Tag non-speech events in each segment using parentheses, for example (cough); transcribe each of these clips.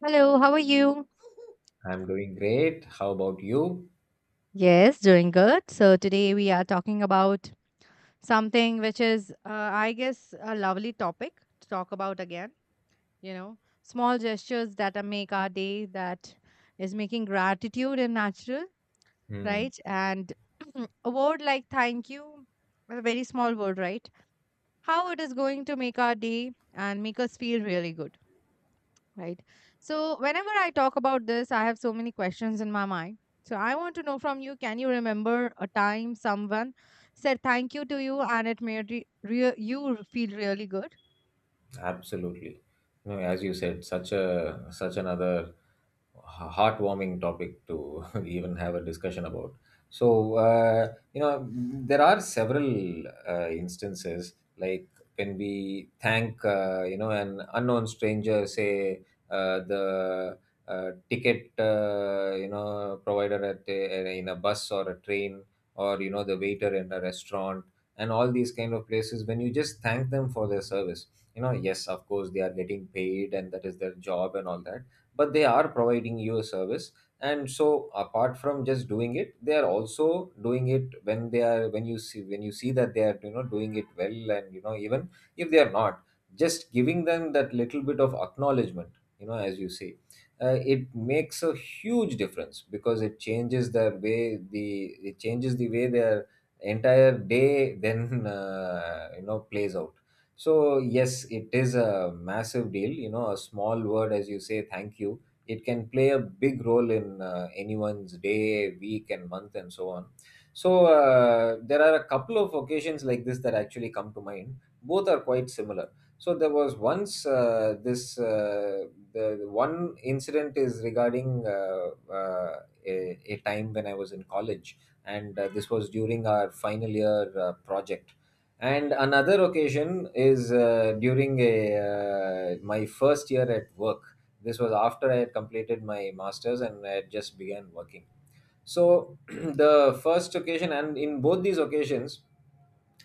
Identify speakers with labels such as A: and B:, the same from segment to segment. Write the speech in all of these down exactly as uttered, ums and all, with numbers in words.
A: Hello, how are you?
B: I'm doing great. How about you?
A: Yes, doing good. So today we are talking about something which is, uh, I guess, a lovely topic to talk about again. You know, small gestures that uh, make our day, that is making gratitude and natural,
B: Hmm.
A: right? And (clears throat) a word like thank you, a very small word, right? How it is going to make our day and make us feel really good. right? So, whenever I talk about this, I have so many questions in my mind. So, I want to know from you, can you remember a time someone said thank you to you and it made re- re- you feel really good?
B: Absolutely. You know, as you said, such a such another h- heartwarming topic to (laughs) even have a discussion about. So, uh, you know, there are several uh, instances, like when we thank, uh, you know, an unknown stranger, say uh, the uh, ticket, uh, you know, provider at a, in a bus or a train, or you know, the waiter in a restaurant, and all these kind of places. When you just thank them for their service, you know, yes, of course they are getting paid and that is their job and all that, but they are providing you a service. And so apart from just doing it, they are also doing it when they are when you see when you see that they are, you know, doing it well. And you know, even if they are not, just giving them that little bit of acknowledgement, you know, as you say, uh, it makes a huge difference, because it changes the way the it changes the way their entire day (laughs) then, uh, you know, plays out. So yes, it is a massive deal. You know, a small word as you say, thank you, it can play a big role in uh, anyone's day, week, and month, and so on. So uh, there are a couple of occasions like this that actually come to mind. Both are quite similar. So there was once, uh, this uh, the the one incident is regarding, uh, uh, a, a time when I was in college, and uh, this was during our final year uh, project, and another occasion is uh, during a uh, my first year at work. This was after I had completed my masters and I had just began working. So (clears throat) the first occasion, and in both these occasions,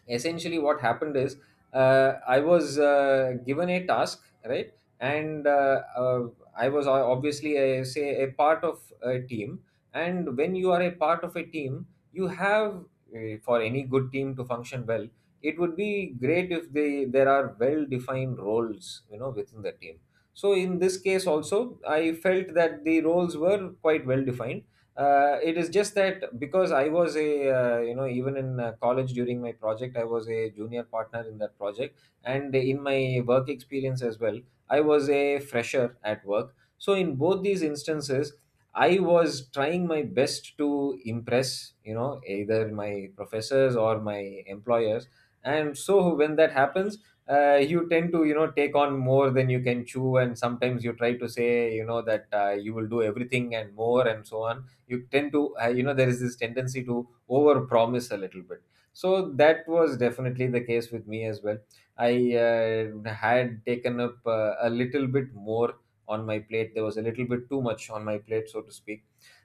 B: essentially what happened is, uh, I was, uh, given a task, right. And uh, uh, I was o- obviously, a, say, a part of a team, and when you are a part of a team, you have. Uh, for any good team to function well, it would be great if they there are well defined roles, you know, within the team. So in this case also, I felt that the roles were quite well defined. Uh, it is just that, because I was a, uh, you know, even in uh, college during my project, I was a junior partner in that project, and in my work experience as well, I was a fresher at work. So in both these instances, I was trying my best to impress, you know, either my professors or my employers. And so when that happens, uh, you tend to, you know, take on more than you can chew. And sometimes you try to say, you know, that uh, you will do everything and more and so on. You tend to, uh, you know, there is this tendency to over promise a little bit. So that was definitely the case with me as well. I uh, had taken up uh, a little bit more on my plate. There was a little bit too much on my plate, so to speak.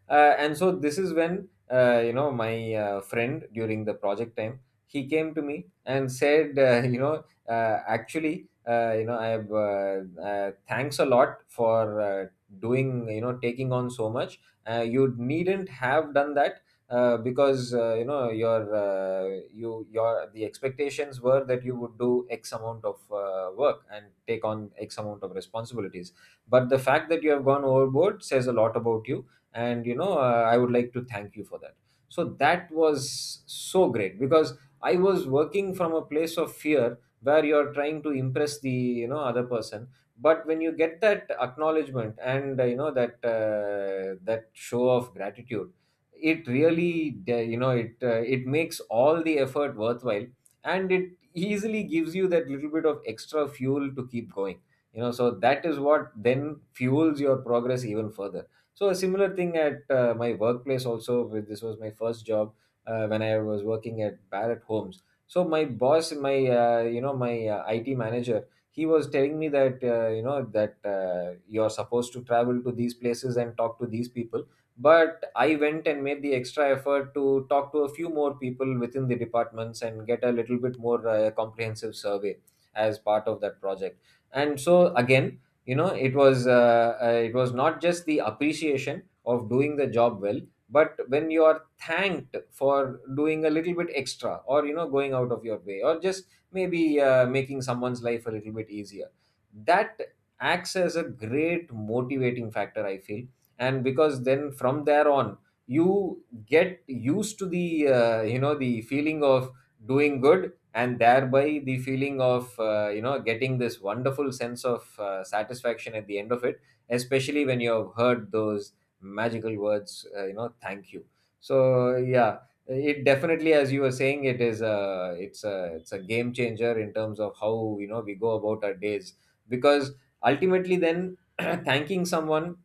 B: uh, And so this is when, uh, you know, my uh, friend during the project time, he came to me and said, uh, (laughs) you know, uh, actually, uh, you know, I have uh, uh, thanks a lot for uh, doing, you know, taking on so much. Uh, you needn't have done that, uh, because, uh, you know, your uh, you your the expectations were that you would do X amount of uh, work and take on X amount of responsibilities. But the fact that you have gone overboard says a lot about you, and you know, uh, I would like to thank you for that. So that was so great, because I was working from a place of fear where you're trying to impress the, you know, other person. But when you get that acknowledgement and, uh, you know, that, uh, that show of gratitude, it really, uh, you know, it uh, it makes all the effort worthwhile, and it easily gives you that little bit of extra fuel to keep going. You know, so that is what then fuels your progress even further. So a similar thing at uh, my workplace also. With This was my first job, uh, when I was working at Barrett Homes. So my boss, my, uh, you know, my uh, I T manager, he was telling me that, uh, you know, that uh, you're supposed to travel to these places and talk to these people. But I went and made the extra effort to talk to a few more people within the departments and get a little bit more uh, comprehensive survey as part of that project. And so again, you know, it was uh, uh, it was not just the appreciation of doing the job well, but when you are thanked for doing a little bit extra, or you know, going out of your way, or just maybe uh, making someone's life a little bit easier, that acts as a great motivating factor, I feel. And because then from there on, you get used to the, uh, you know, the feeling of doing good, and thereby the feeling of, uh, you know, getting this wonderful sense of uh, satisfaction at the end of it, especially when you have heard those magical words, uh, you know, thank you. So yeah, it definitely, as you were saying, it is a it's a it's a game changer in terms of how, you know, we go about our days. Because ultimately then (clears throat) thanking someone,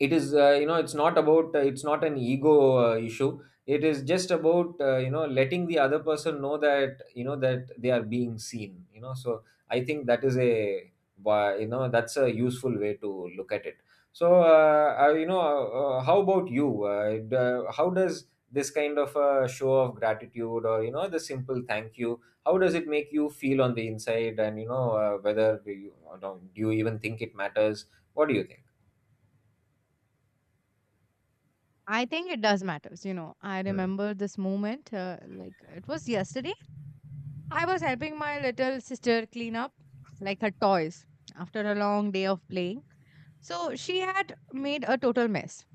B: it is uh, you know, it's not about uh, it's not an ego uh, issue. It is just about, uh, you know, letting the other person know, that you know, that they are being seen, you know. So I think that is a why- you know, that's a useful way to look at it. So uh, uh, you know, uh, uh, how about you? Uh, d- uh, how does this kind of a show of gratitude, or you know, the simple thank you, how does it make you feel on the inside? And you know, uh, whether do you, don't- do you even think it matters? What do you think?
A: I think it does matters. You know, I remember this moment, uh, like it was yesterday. I was helping my little sister clean up, like, her toys after a long day of playing. So, she had made a total mess.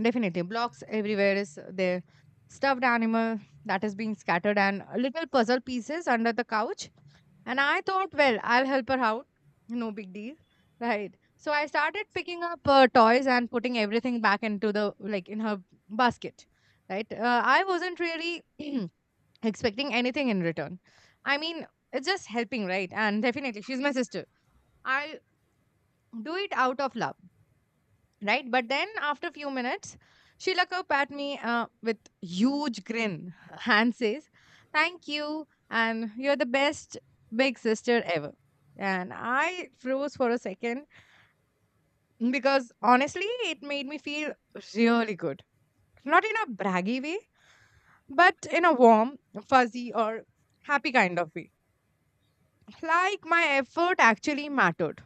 A: Definitely. Blocks everywhere is there. Stuffed animal that is being scattered, and little puzzle pieces under the couch. And I thought, well, I'll help her out. No big deal. Right. So I started picking up uh, toys and putting everything back into the, like, in her basket. Right. Uh, I wasn't really (clears throat) expecting anything in return. I mean, it's just helping, right? And definitely, she's my sister. I do it out of love, right? But then after a few minutes, Sheila Kaup at me uh, with huge grin (laughs) and says, "Thank you, and you're the best big sister ever." And I froze for a second because honestly, it made me feel really good. Not in a braggy way, but in a warm, fuzzy, or happy kind of way. Like my effort actually mattered.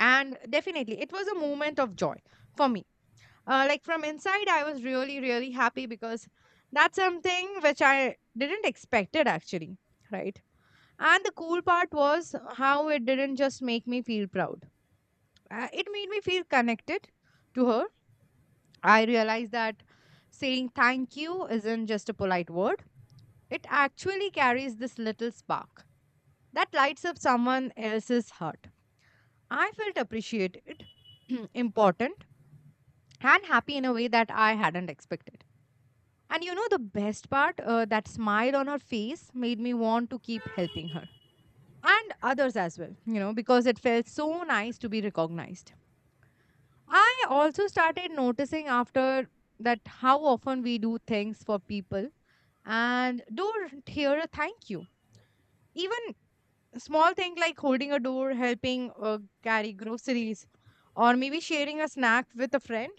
A: And definitely, it was a moment of joy for me. Uh, like, from inside I was really really happy because that's something which I didn't expect it actually, right? And the cool part was how it didn't just make me feel proud. Uh, it made me feel connected to her. I realized that saying thank you isn't just a polite word. It actually carries this little spark that lights up someone else's heart. I felt appreciated, (clears throat) important, and happy in a way that I hadn't expected. And you know the best part? Uh, that smile on her face made me want to keep helping her and others as well, you know, because it felt so nice to be recognized. I also started noticing after that how often we do things for people and don't hear a thank you. Even small thing like holding a door, helping uh, carry groceries, or maybe sharing a snack with a friend.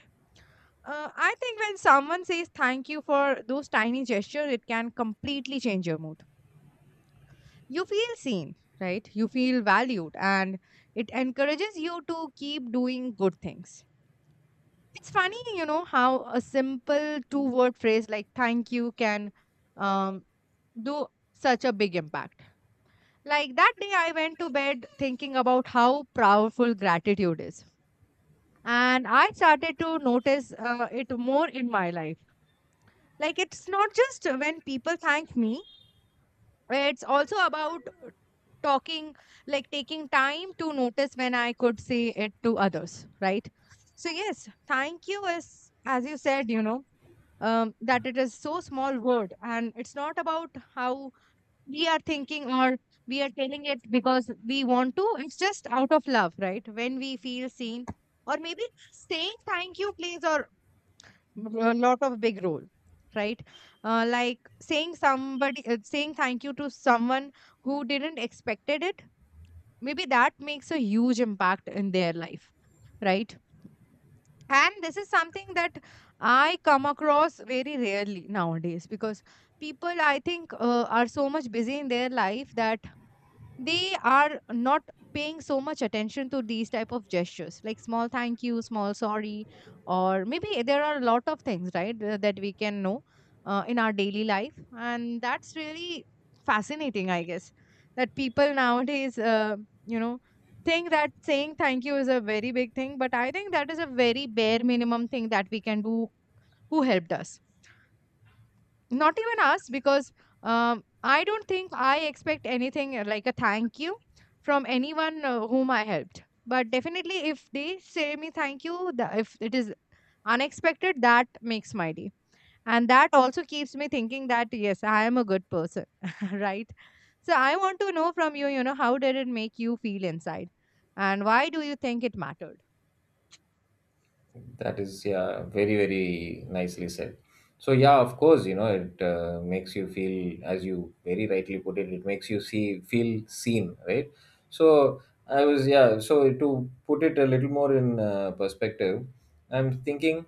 A: Uh, I think when someone says thank you for those tiny gestures, it can completely change your mood. You feel seen, right? You feel valued, and it encourages you to keep doing good things. It's funny, you know, how a simple two word phrase like thank you can, um, do such a big impact. Like, that day I went to bed thinking about how powerful gratitude is, and I started to notice uh, it more in my life. Like, it's not just when people thank me. It's also about talking, like, taking time to notice when I could say it to others, right? So yes, thank you is, as you said, you know, um, that it is so small word, and it's not about how we are thinking or we are telling it because we want to. It's just out of love, right? When we feel seen, or maybe saying thank you, please, or b- a lot of big role, right? Uh, like, saying somebody, uh, saying thank you to someone who didn't expected it, maybe that makes a huge impact in their life, right? And this is something that I come across very rarely nowadays because people, I think, uh, are so much busy in their life that they are not paying so much attention to these type of gestures like small thank you, small sorry, or maybe there are a lot of things, right, th- that we can know uh, in our daily life. And that's really fascinating, I guess, that people nowadays, uh, you know, think that saying thank you is a very big thing, but I think that is a very bare minimum thing that we can do, who helped us. Not even us because, um, I don't think I expect anything uh, like a thank you from anyone uh, whom I helped. But definitely if they say me thank you, the, if it is unexpected, that makes my day. And that also keeps me thinking that yes, I am a good person. (laughs) Right? So I want to know from you, you know, how did it make you feel inside and why do you think it mattered?
B: That is, yeah, very, very nicely said. So yeah, of course, you know, it, uh, makes you feel, as you very rightly put it, it makes you see, feel seen, right? So I was, yeah, so to put it a little more in uh, perspective. I'm thinking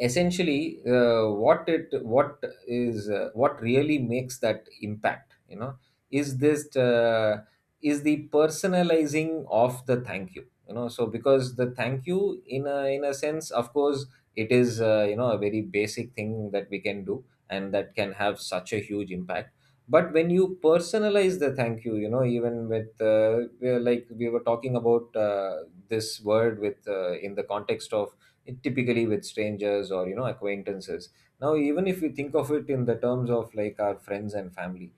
B: essentially, uh, what it what is uh, what really makes that impact, you know, is this uh, is the personalizing of the thank you, you know. So because the thank you, in a in a sense, of course it is, uh, you know, a very basic thing that we can do, and that can have such a huge impact. But when you personalize the thank you, you know, even with, uh, we are like we were talking about, uh, this word with, uh, in the context of, typically, with strangers or, you know, acquaintances. Now even if we think of it in the terms of, like, our friends and family,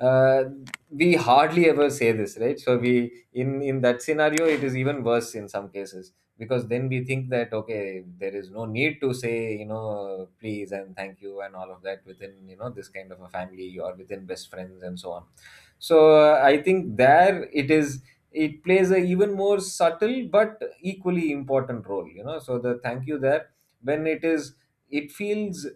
B: uh, we hardly ever say this, right? So we, in in that scenario, it is even worse in some cases, because then we think that, okay, there is no need to say, you know, please and thank you and all of that, within, you know, this kind of a family or within best friends and so on. So uh, I think there, it is it plays a even more subtle but equally important role, you know. So the thank you there, when it is it feels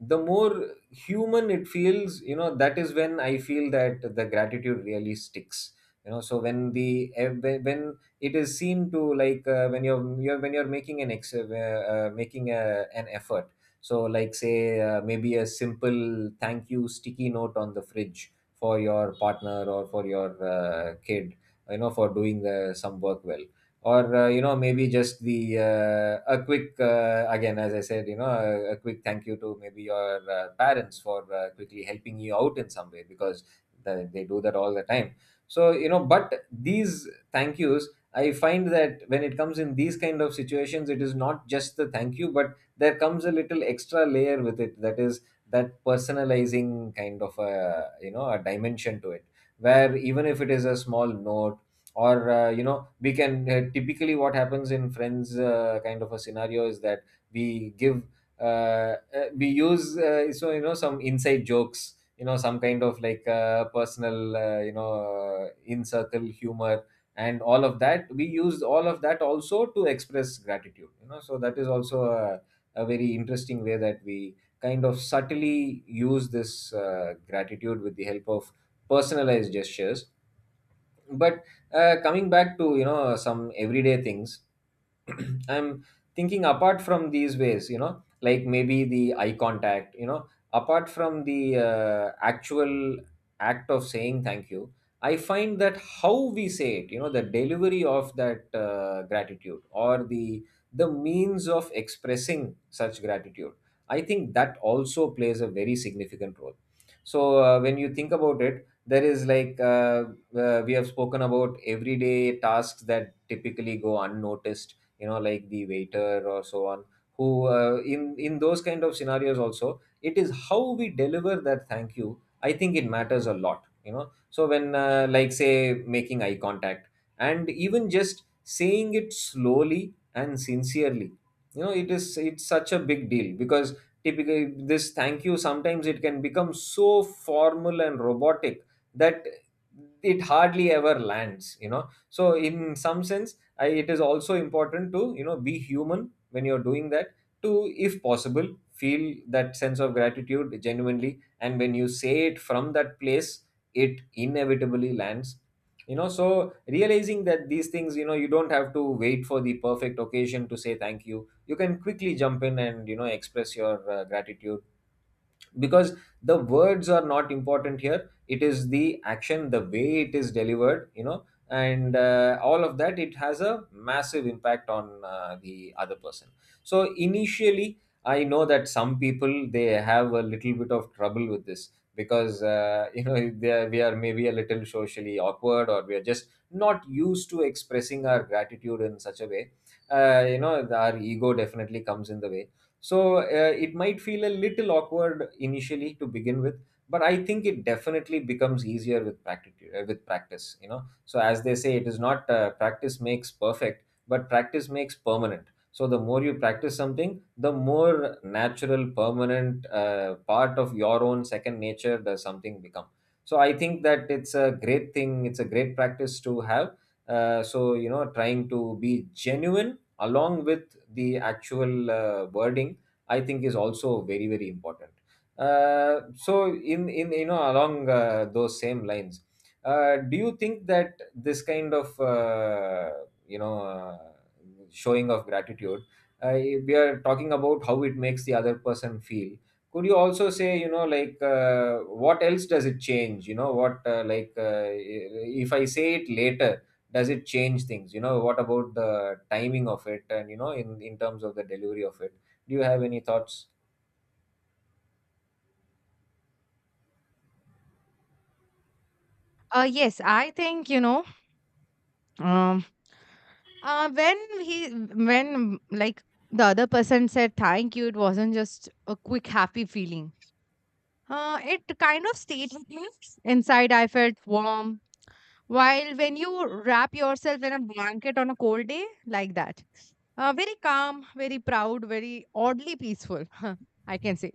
B: the more human it feels, you know, that is when I feel that the gratitude really sticks. You know, so when the eh, when when it is seen to, like, uh, when you're, you're when you're making an ex uh, uh, making a, an effort. So, like, say, uh, maybe a simple thank you sticky note on the fridge for your partner or for your uh, kid, you know, for doing uh, some work well, or, uh, you know, maybe just the uh, a quick, uh, again, as I said, you know, a, a quick thank you to, maybe, your uh, parents for, uh, quickly helping you out in some way, because the, they do that all the time. So, you know, but these thank yous, I find that when it comes in these kind of situations, it is not just the thank you, but there comes a little extra layer with it, that is, that personalizing kind of a, you know, a dimension to it, where even if it is a small note, or, uh, you know, we can, uh, typically what happens in friends uh, kind of a scenario, is that we give, uh, uh, we use uh, so you know some inside jokes, you know some kind of like uh, personal, uh, you know uh, in circle humor, and all of that. We use all of that also to express gratitude, you know. So that is also a, a very interesting way that we kind of subtly use this uh, gratitude with the help of personalized gestures. But uh, coming back to, you know, some everyday things, (clears throat) I'm thinking, apart from these ways, you know, like maybe the eye contact, you know, apart from the uh, actual act of saying thank you, I find that how we say it, you know, the delivery of that uh, gratitude, or the the means of expressing such gratitude, I think that also plays a very significant role. So uh, when you think about it, there is like uh, uh, we have spoken about everyday tasks that typically go unnoticed, you know, like the waiter or so on, who, uh, in in those kind of scenarios also, it is how we deliver that thank you. I think it matters a lot, you know. So when uh, like, say, making eye contact, and even just saying it slowly and sincerely, you know, it is it's such a big deal because, typically, this thank you sometimes it can become so formal and robotic that it hardly ever lands, you know. So in some sense, I, it is also important to, you know, be human when you're doing that, to, if possible, feel that sense of gratitude genuinely, and when you say it from that place, it inevitably lands, you know. So realizing that these things, you know, you don't have to wait for the perfect occasion to say thank you. You can quickly jump in and, you know, express your uh, gratitude, because the words are not important here. It is the action, the way it is delivered, you know. And uh, all of that, it has a massive impact on uh, the other person. So initially, I know that some people, they have a little bit of trouble with this because, uh, (laughs) you know, they are, we are maybe a little socially awkward, or we are just not used to expressing our gratitude in such a way. uh, you know our ego definitely comes in the way. So uh, it might feel a little awkward initially to begin with, but I think it definitely becomes easier with practice. With practice, you know. So as they say, it is not uh, practice makes perfect, but practice makes permanent. So the more you practice something, the more natural, permanent uh, part of your own second nature does something become. So I think that it's a great thing. It's a great practice to have. Uh, so you know, trying to be genuine along with the actual uh, wording, I think, is also very, very important. Uh, so in in you know, along uh, those same lines, uh, do you think that this kind of uh, you know uh, showing of gratitude, uh, we are talking about how it makes the other person feel. Could you also say, you know, like uh, what else does it change? You know, what uh, like uh, if I say it later, does it change things? You know, what about the timing of it, and, you know, in in terms of the delivery of it? Do you have any thoughts?
A: uh, Yes, I think, you know, um, Uh, when he, when, like, the other person said thank you, it wasn't just a quick happy feeling. Uh, it kind of stayed with me. Inside, I felt warm. While, when you wrap yourself in a blanket on a cold day, like that, uh, very calm, very proud, very oddly peaceful, (laughs) I can say.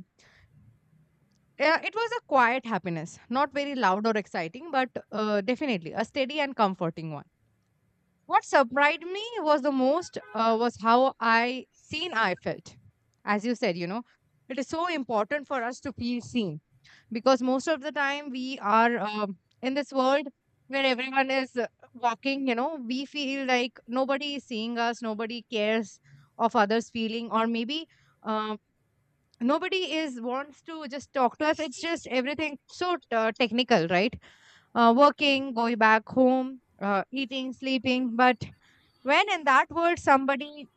A: Uh, it was a quiet happiness, not very loud or exciting, but uh, definitely a steady and comforting one. What surprised me was the most uh, was how I seen I felt. As you said, you know, it is so important for us to feel seen because most of the time we are, um, in this world where everyone is, uh, walking. You know, we feel like nobody is seeing us, nobody cares of others' feeling, or maybe. Um, Nobody is wants to just talk to us. It's just everything so uh, technical, right? Uh, working, going back home, uh, eating, sleeping. But when in that world somebody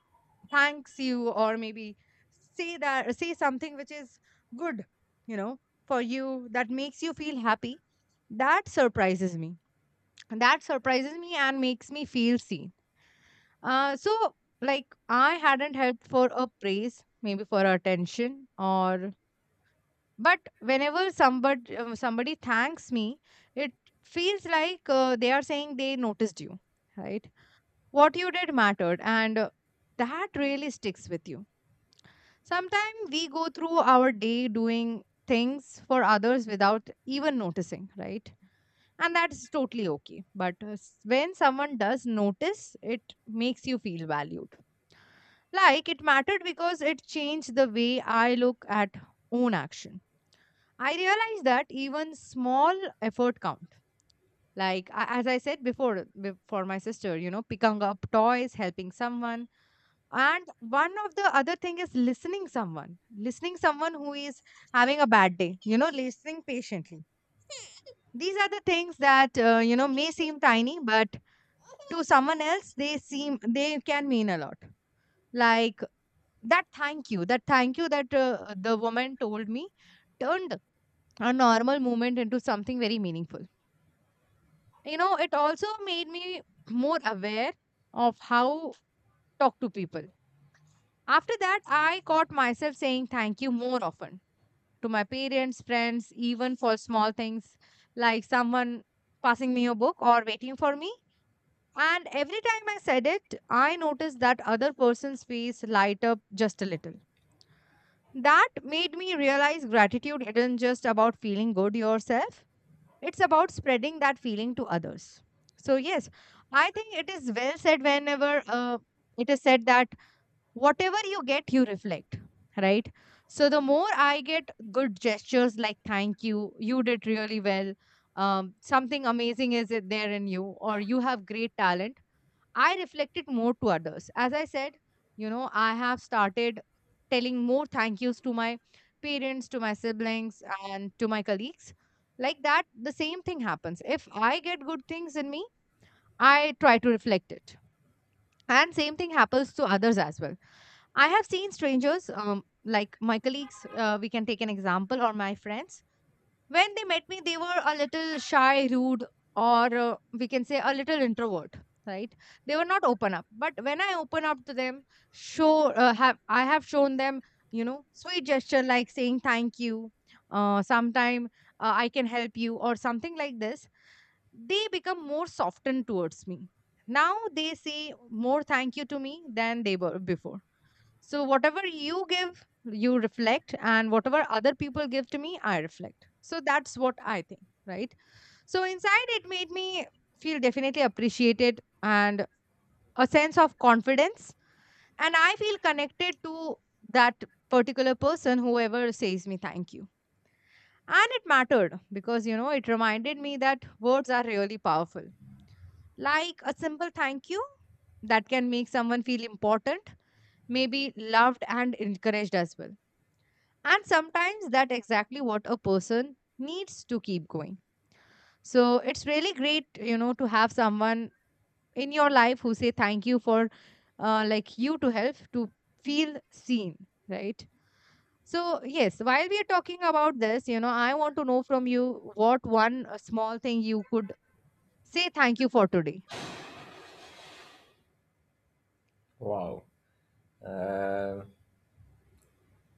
A: thanks you, or maybe say that, say something which is good, you know, for you, that makes you feel happy. That surprises me. That surprises me and makes me feel seen. Uh, so, like, I hadn't helped for a praise, maybe for attention, or but whenever somebody, um, somebody thanks me, it feels like uh, they are saying they noticed you, right? What you did mattered, and uh, that really sticks with you. Sometimes we go through our day doing things for others without even noticing, right? And that's totally okay, but uh, s- when someone does notice, it makes you feel valued, like it mattered, because it changed the way I look at own action. I realize that even small effort count. Like a- as I said before, b- for my sister, you know, picking up toys, helping someone, and one of the other thing is listening someone, listening someone who is having a bad day. You know, listening patiently. These are the things that, uh, you know, may seem tiny, but to someone else they seem, they can mean a lot. Like, that thank you that thank you that uh, the woman told me turned a normal moment into something very meaningful. You know, it also made me more aware of how talk to people. After that, I caught myself saying thank you more often to my parents, friends, even for small things like someone passing me a book or waiting for me. And every time I said it, I noticed that other person's face light up just a little. That made me realize gratitude isn't just about feeling good yourself. It's about spreading that feeling to others. So, yes, I think it is well said whenever, uh, it is said that whatever you get you reflect, right? So the more I get good gestures like thank you, you did really well, um, something amazing is it there in you, or you have great talent, I reflect it more to others. As I said, you know, I have started telling more thank yous to my parents, to my siblings, and to my colleagues. Like that, the same thing happens. If I get good things in me, I try to reflect it, and same thing happens to others as well. I have seen strangers, um, like my colleagues, uh, we can take an example, or my friends, when they met me, they were a little shy, rude, or uh, we can say a little introvert, right? They were not open up. But when I open up to them, show uh, have I have shown them, you know, sweet gesture like saying thank you, uh, sometime, uh, I can help you, or something like this. They become more softened towards me. Now they say more thank you to me than they were before. So whatever you give, you reflect, and whatever other people give to me, I reflect. So that's what I think, right? So inside, it made me feel definitely appreciated and a sense of confidence, and I feel connected to that particular person, whoever says me thank you. And it mattered because you know it reminded me that words are really powerful. Like a simple thank you that can make someone feel important, maybe loved and encouraged as well. And sometimes that exactly what a person needs to keep going. So it's really great, you know, to have someone in your life who say thank you for uh, like you to help to feel seen, right? So yes, while we are talking about this, you know, I want to know from you what one uh, small thing you could say thank you for today.
B: Wow. uh,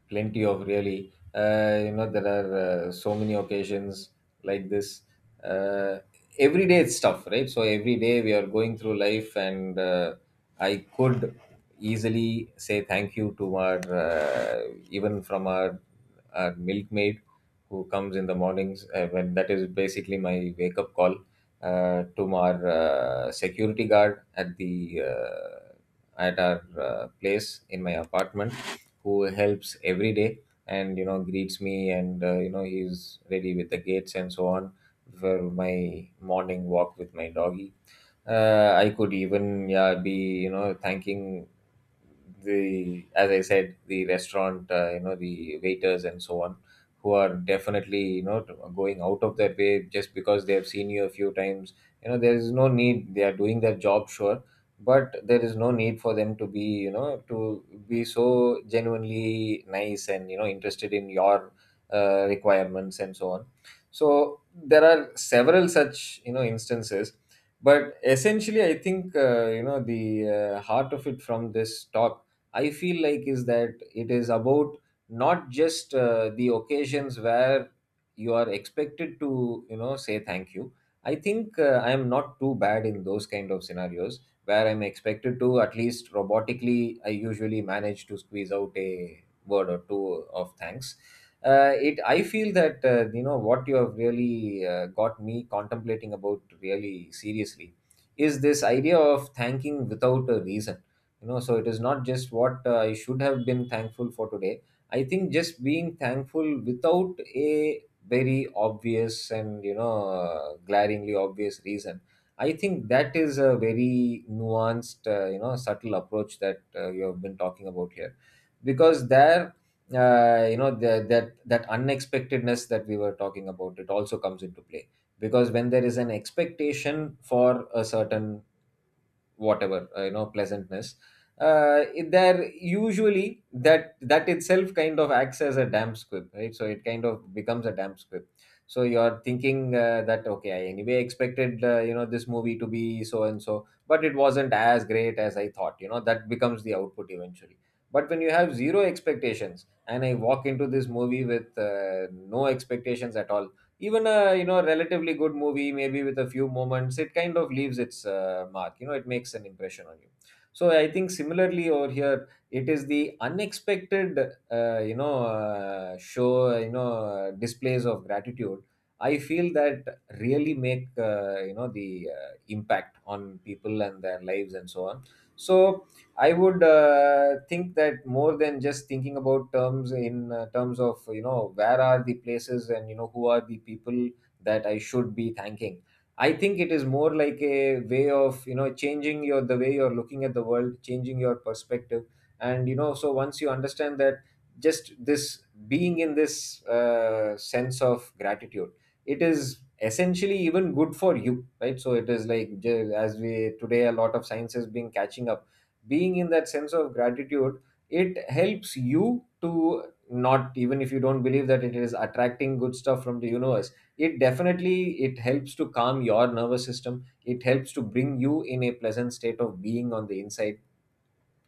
B: Plenty of really, uh, you know, there are uh, so many occasions like this. uh, every day, it's tough, right? So every day we are going through life, and uh, I could easily say thank you to our, uh, even from our our milkmaid who comes in the mornings, uh, when that is basically my wake up call, uh, to our uh, security guard at the uh, at our uh, place in my apartment, who helps every day, and, you know, greets me, and uh, you know, he's ready with the gates and so on for my morning walk with my doggy. uh, I could even, yeah, be, you know, thanking the, as I said, the restaurant, uh, you know, the waiters and so on, who are definitely, you know, t- going out of their way just because they have seen you a few times. You know, there is no need. They are doing their job, sure, but there is no need for them to be, you know, to be so genuinely nice and, you know, interested in your uh, requirements and so on. So there are several such, you know, instances. But essentially, I think, uh, you know the uh, heart of it from this talk, I feel like, is that it is about not just uh, the occasions where you are expected to, you know, say thank you. I think uh, I am not too bad in those kind of scenarios where I'm expected to, at least robotically. I usually manage to squeeze out a word or two of thanks. Uh, it, I feel that, uh, you know, what you have really uh, got me contemplating about really seriously is this idea of thanking without a reason. You know, so it is not just what uh, I should have been thankful for today. I think just being thankful without a very obvious and, you know, uh, glaringly obvious reason, I think that is a very nuanced, uh, you know subtle approach that uh, you have been talking about here. Because there, uh, you know, the, that that unexpectedness that we were talking about, it also comes into play, because when there is an expectation for a certain, whatever, uh, you know, pleasantness, uh, it- there, usually that that itself kind of acts as a damp squib, right? So it kind of becomes a damp squib. So you're thinking, uh, that okay, I anyway expected, uh, you know, this movie to be so and so, but it wasn't as great as I thought, you know. That becomes the output eventually. But when you have zero expectations, and I walk into this movie with, uh, no expectations at all, even a, you know, relatively good movie, maybe with a few moments, it kind of leaves its uh, mark, you know, it makes an impression on you. So I think similarly over here, it is the unexpected, uh, you know uh, show you know uh, displays of gratitude, I feel, that really make, uh, you know the uh, impact on people and their lives and so on. So I would uh, think that more than just thinking about terms in, uh, terms of, you know, where are the places, and, you know, who are the people that I should be thanking. I think it is more like a way of, you know, changing your, the way you're looking at the world, changing your perspective. And, you know, so once you understand that, just this being in this uh, sense of gratitude, it is essentially even good for you, right? So it is like, j- as we today, a lot of science is being catching up. Being in that sense of gratitude, it helps you to, not, even if you don't believe that it is attracting good stuff from the universe, it definitely, it helps to calm your nervous system, it helps to bring you in a pleasant state of being on the inside,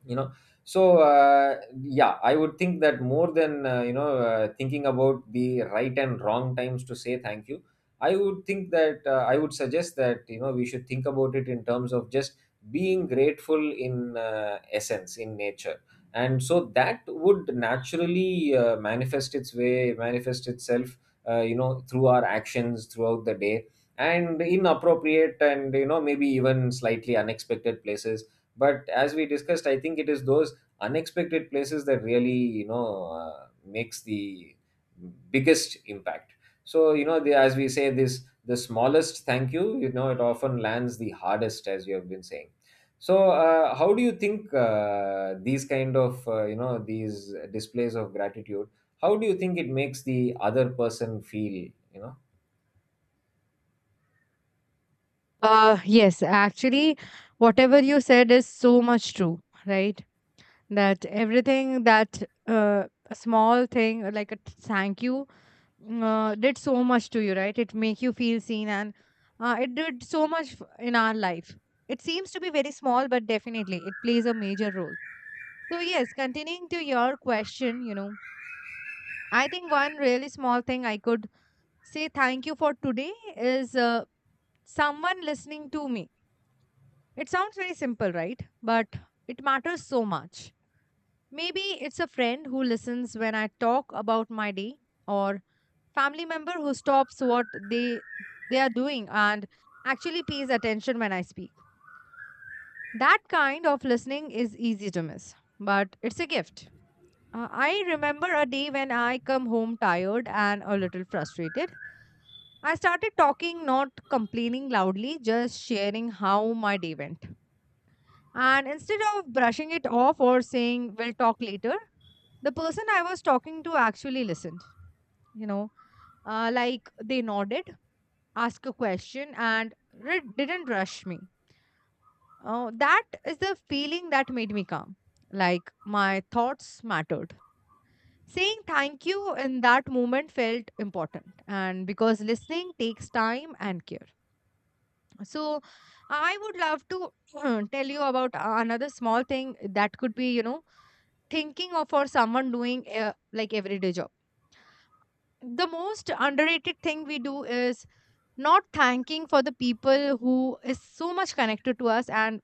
B: you know. So uh, yeah, I would think that more than, uh, you know uh, thinking about the right and wrong times to say thank you, I would think that, uh, I would suggest that, you know, we should think about it in terms of just being grateful in, uh, essence, in nature. And so that would naturally uh, manifest its way, manifest itself, uh, you know, through our actions throughout the day, and in appropriate and, you know, maybe even slightly unexpected places. But as we discussed, I think it is those unexpected places that really, you know, uh, makes the biggest impact. So, you know, the, as we say this, the smallest thank you, you know, it often lands the hardest, as you have been saying. So uh, how do you think uh, these kind of, uh, you know these displays of gratitude, how do you think it makes the other person feel, you know?
A: Uh, yes, actually, whatever you said is so much true, right? That everything that uh, a small thing uh, like a t- thank you mm, uh, did so much to you, right? It make you feel seen, and uh, it did so much f- in our life. It seems to be very small, but definitely it plays a major role. So yes, continuing to your question, you know, I think one really small thing I could say thank you for today is uh, someone listening to me. It sounds very simple, right? But it matters so much. Maybe it's a friend who listens when I talk about my day or family member who stops what they they are doing and actually pays attention when I speak. That kind of listening is easy to miss, but it's a gift. Uh, I remember a day when I come home tired and a little frustrated. I started talking, not complaining loudly, just sharing how my day went. And instead of brushing it off or saying, we'll talk later, the person I was talking to actually listened. You know, uh, like they nodded, asked a question, and re- didn't rush me. Oh, that is the feeling that made me calm. Like my thoughts mattered. Saying thank you in that moment felt important, and because listening takes time and care. So, I would love to (clears throat) tell you about another small thing that could be, you know, thinking of for someone doing uh, like everyday job. The most underrated thing we do is not thanking for the people who is so much connected to us and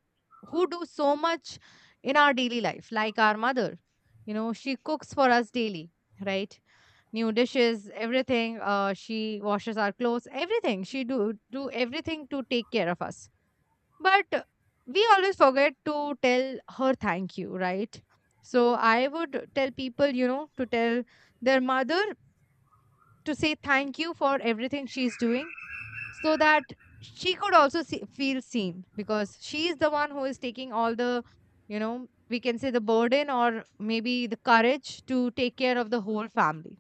A: who do so much in our daily life, like our mother. You know, she cooks for us daily, right? New dishes, everything. Uh, she washes our clothes, everything she do do everything to take care of us. But we always forget to tell her thank you, right? So I would tell people, you know, to tell their mother to say thank you for everything she's doing, so that she could also see, feel seen, because she is the one who is taking all the, you know, we can say the burden or maybe the courage to take care of the whole family.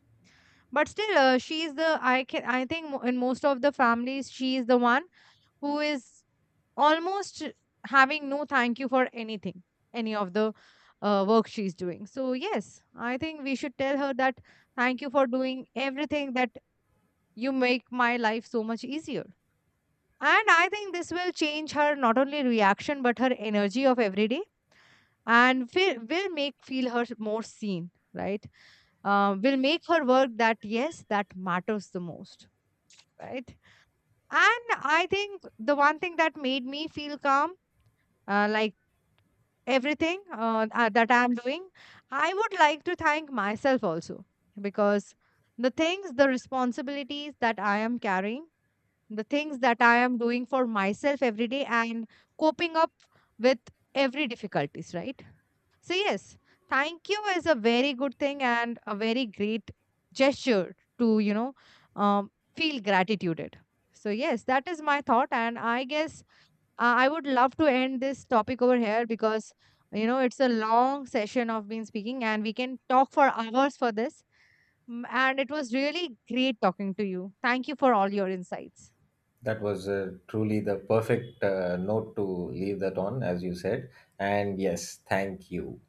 A: But still, uh, she is the, I can, I think mo- in most of the families, she is the one who is almost having no thank you for anything, any of the uh, work she's doing. So, yes, I think we should tell her that thank you for doing everything, that you make my life so much easier. And I think this will change her not only reaction but her energy of every day, and will will make feel her more seen, right? Uh, will make her work that, yes, that matters the most, right? And I think the one thing that made me feel calm, uh, like everything uh, uh, that I'm doing, I would like to thank myself also, because the things, the responsibilities that I am carrying, the things that I am doing for myself every day, and coping up with every difficulties, right? So yes, thank you is a very good thing and a very great gesture to you know um, feel gratitude. So yes, that is my thought, and I guess uh, I would love to end this topic over here because, you know, it's a long session of been speaking and we can talk for hours for this. Mm, and it was really great talking to you. Thank you for all your insights.
B: That was uh, truly the perfect uh, note to leave that on, as you said. And yes, thank you.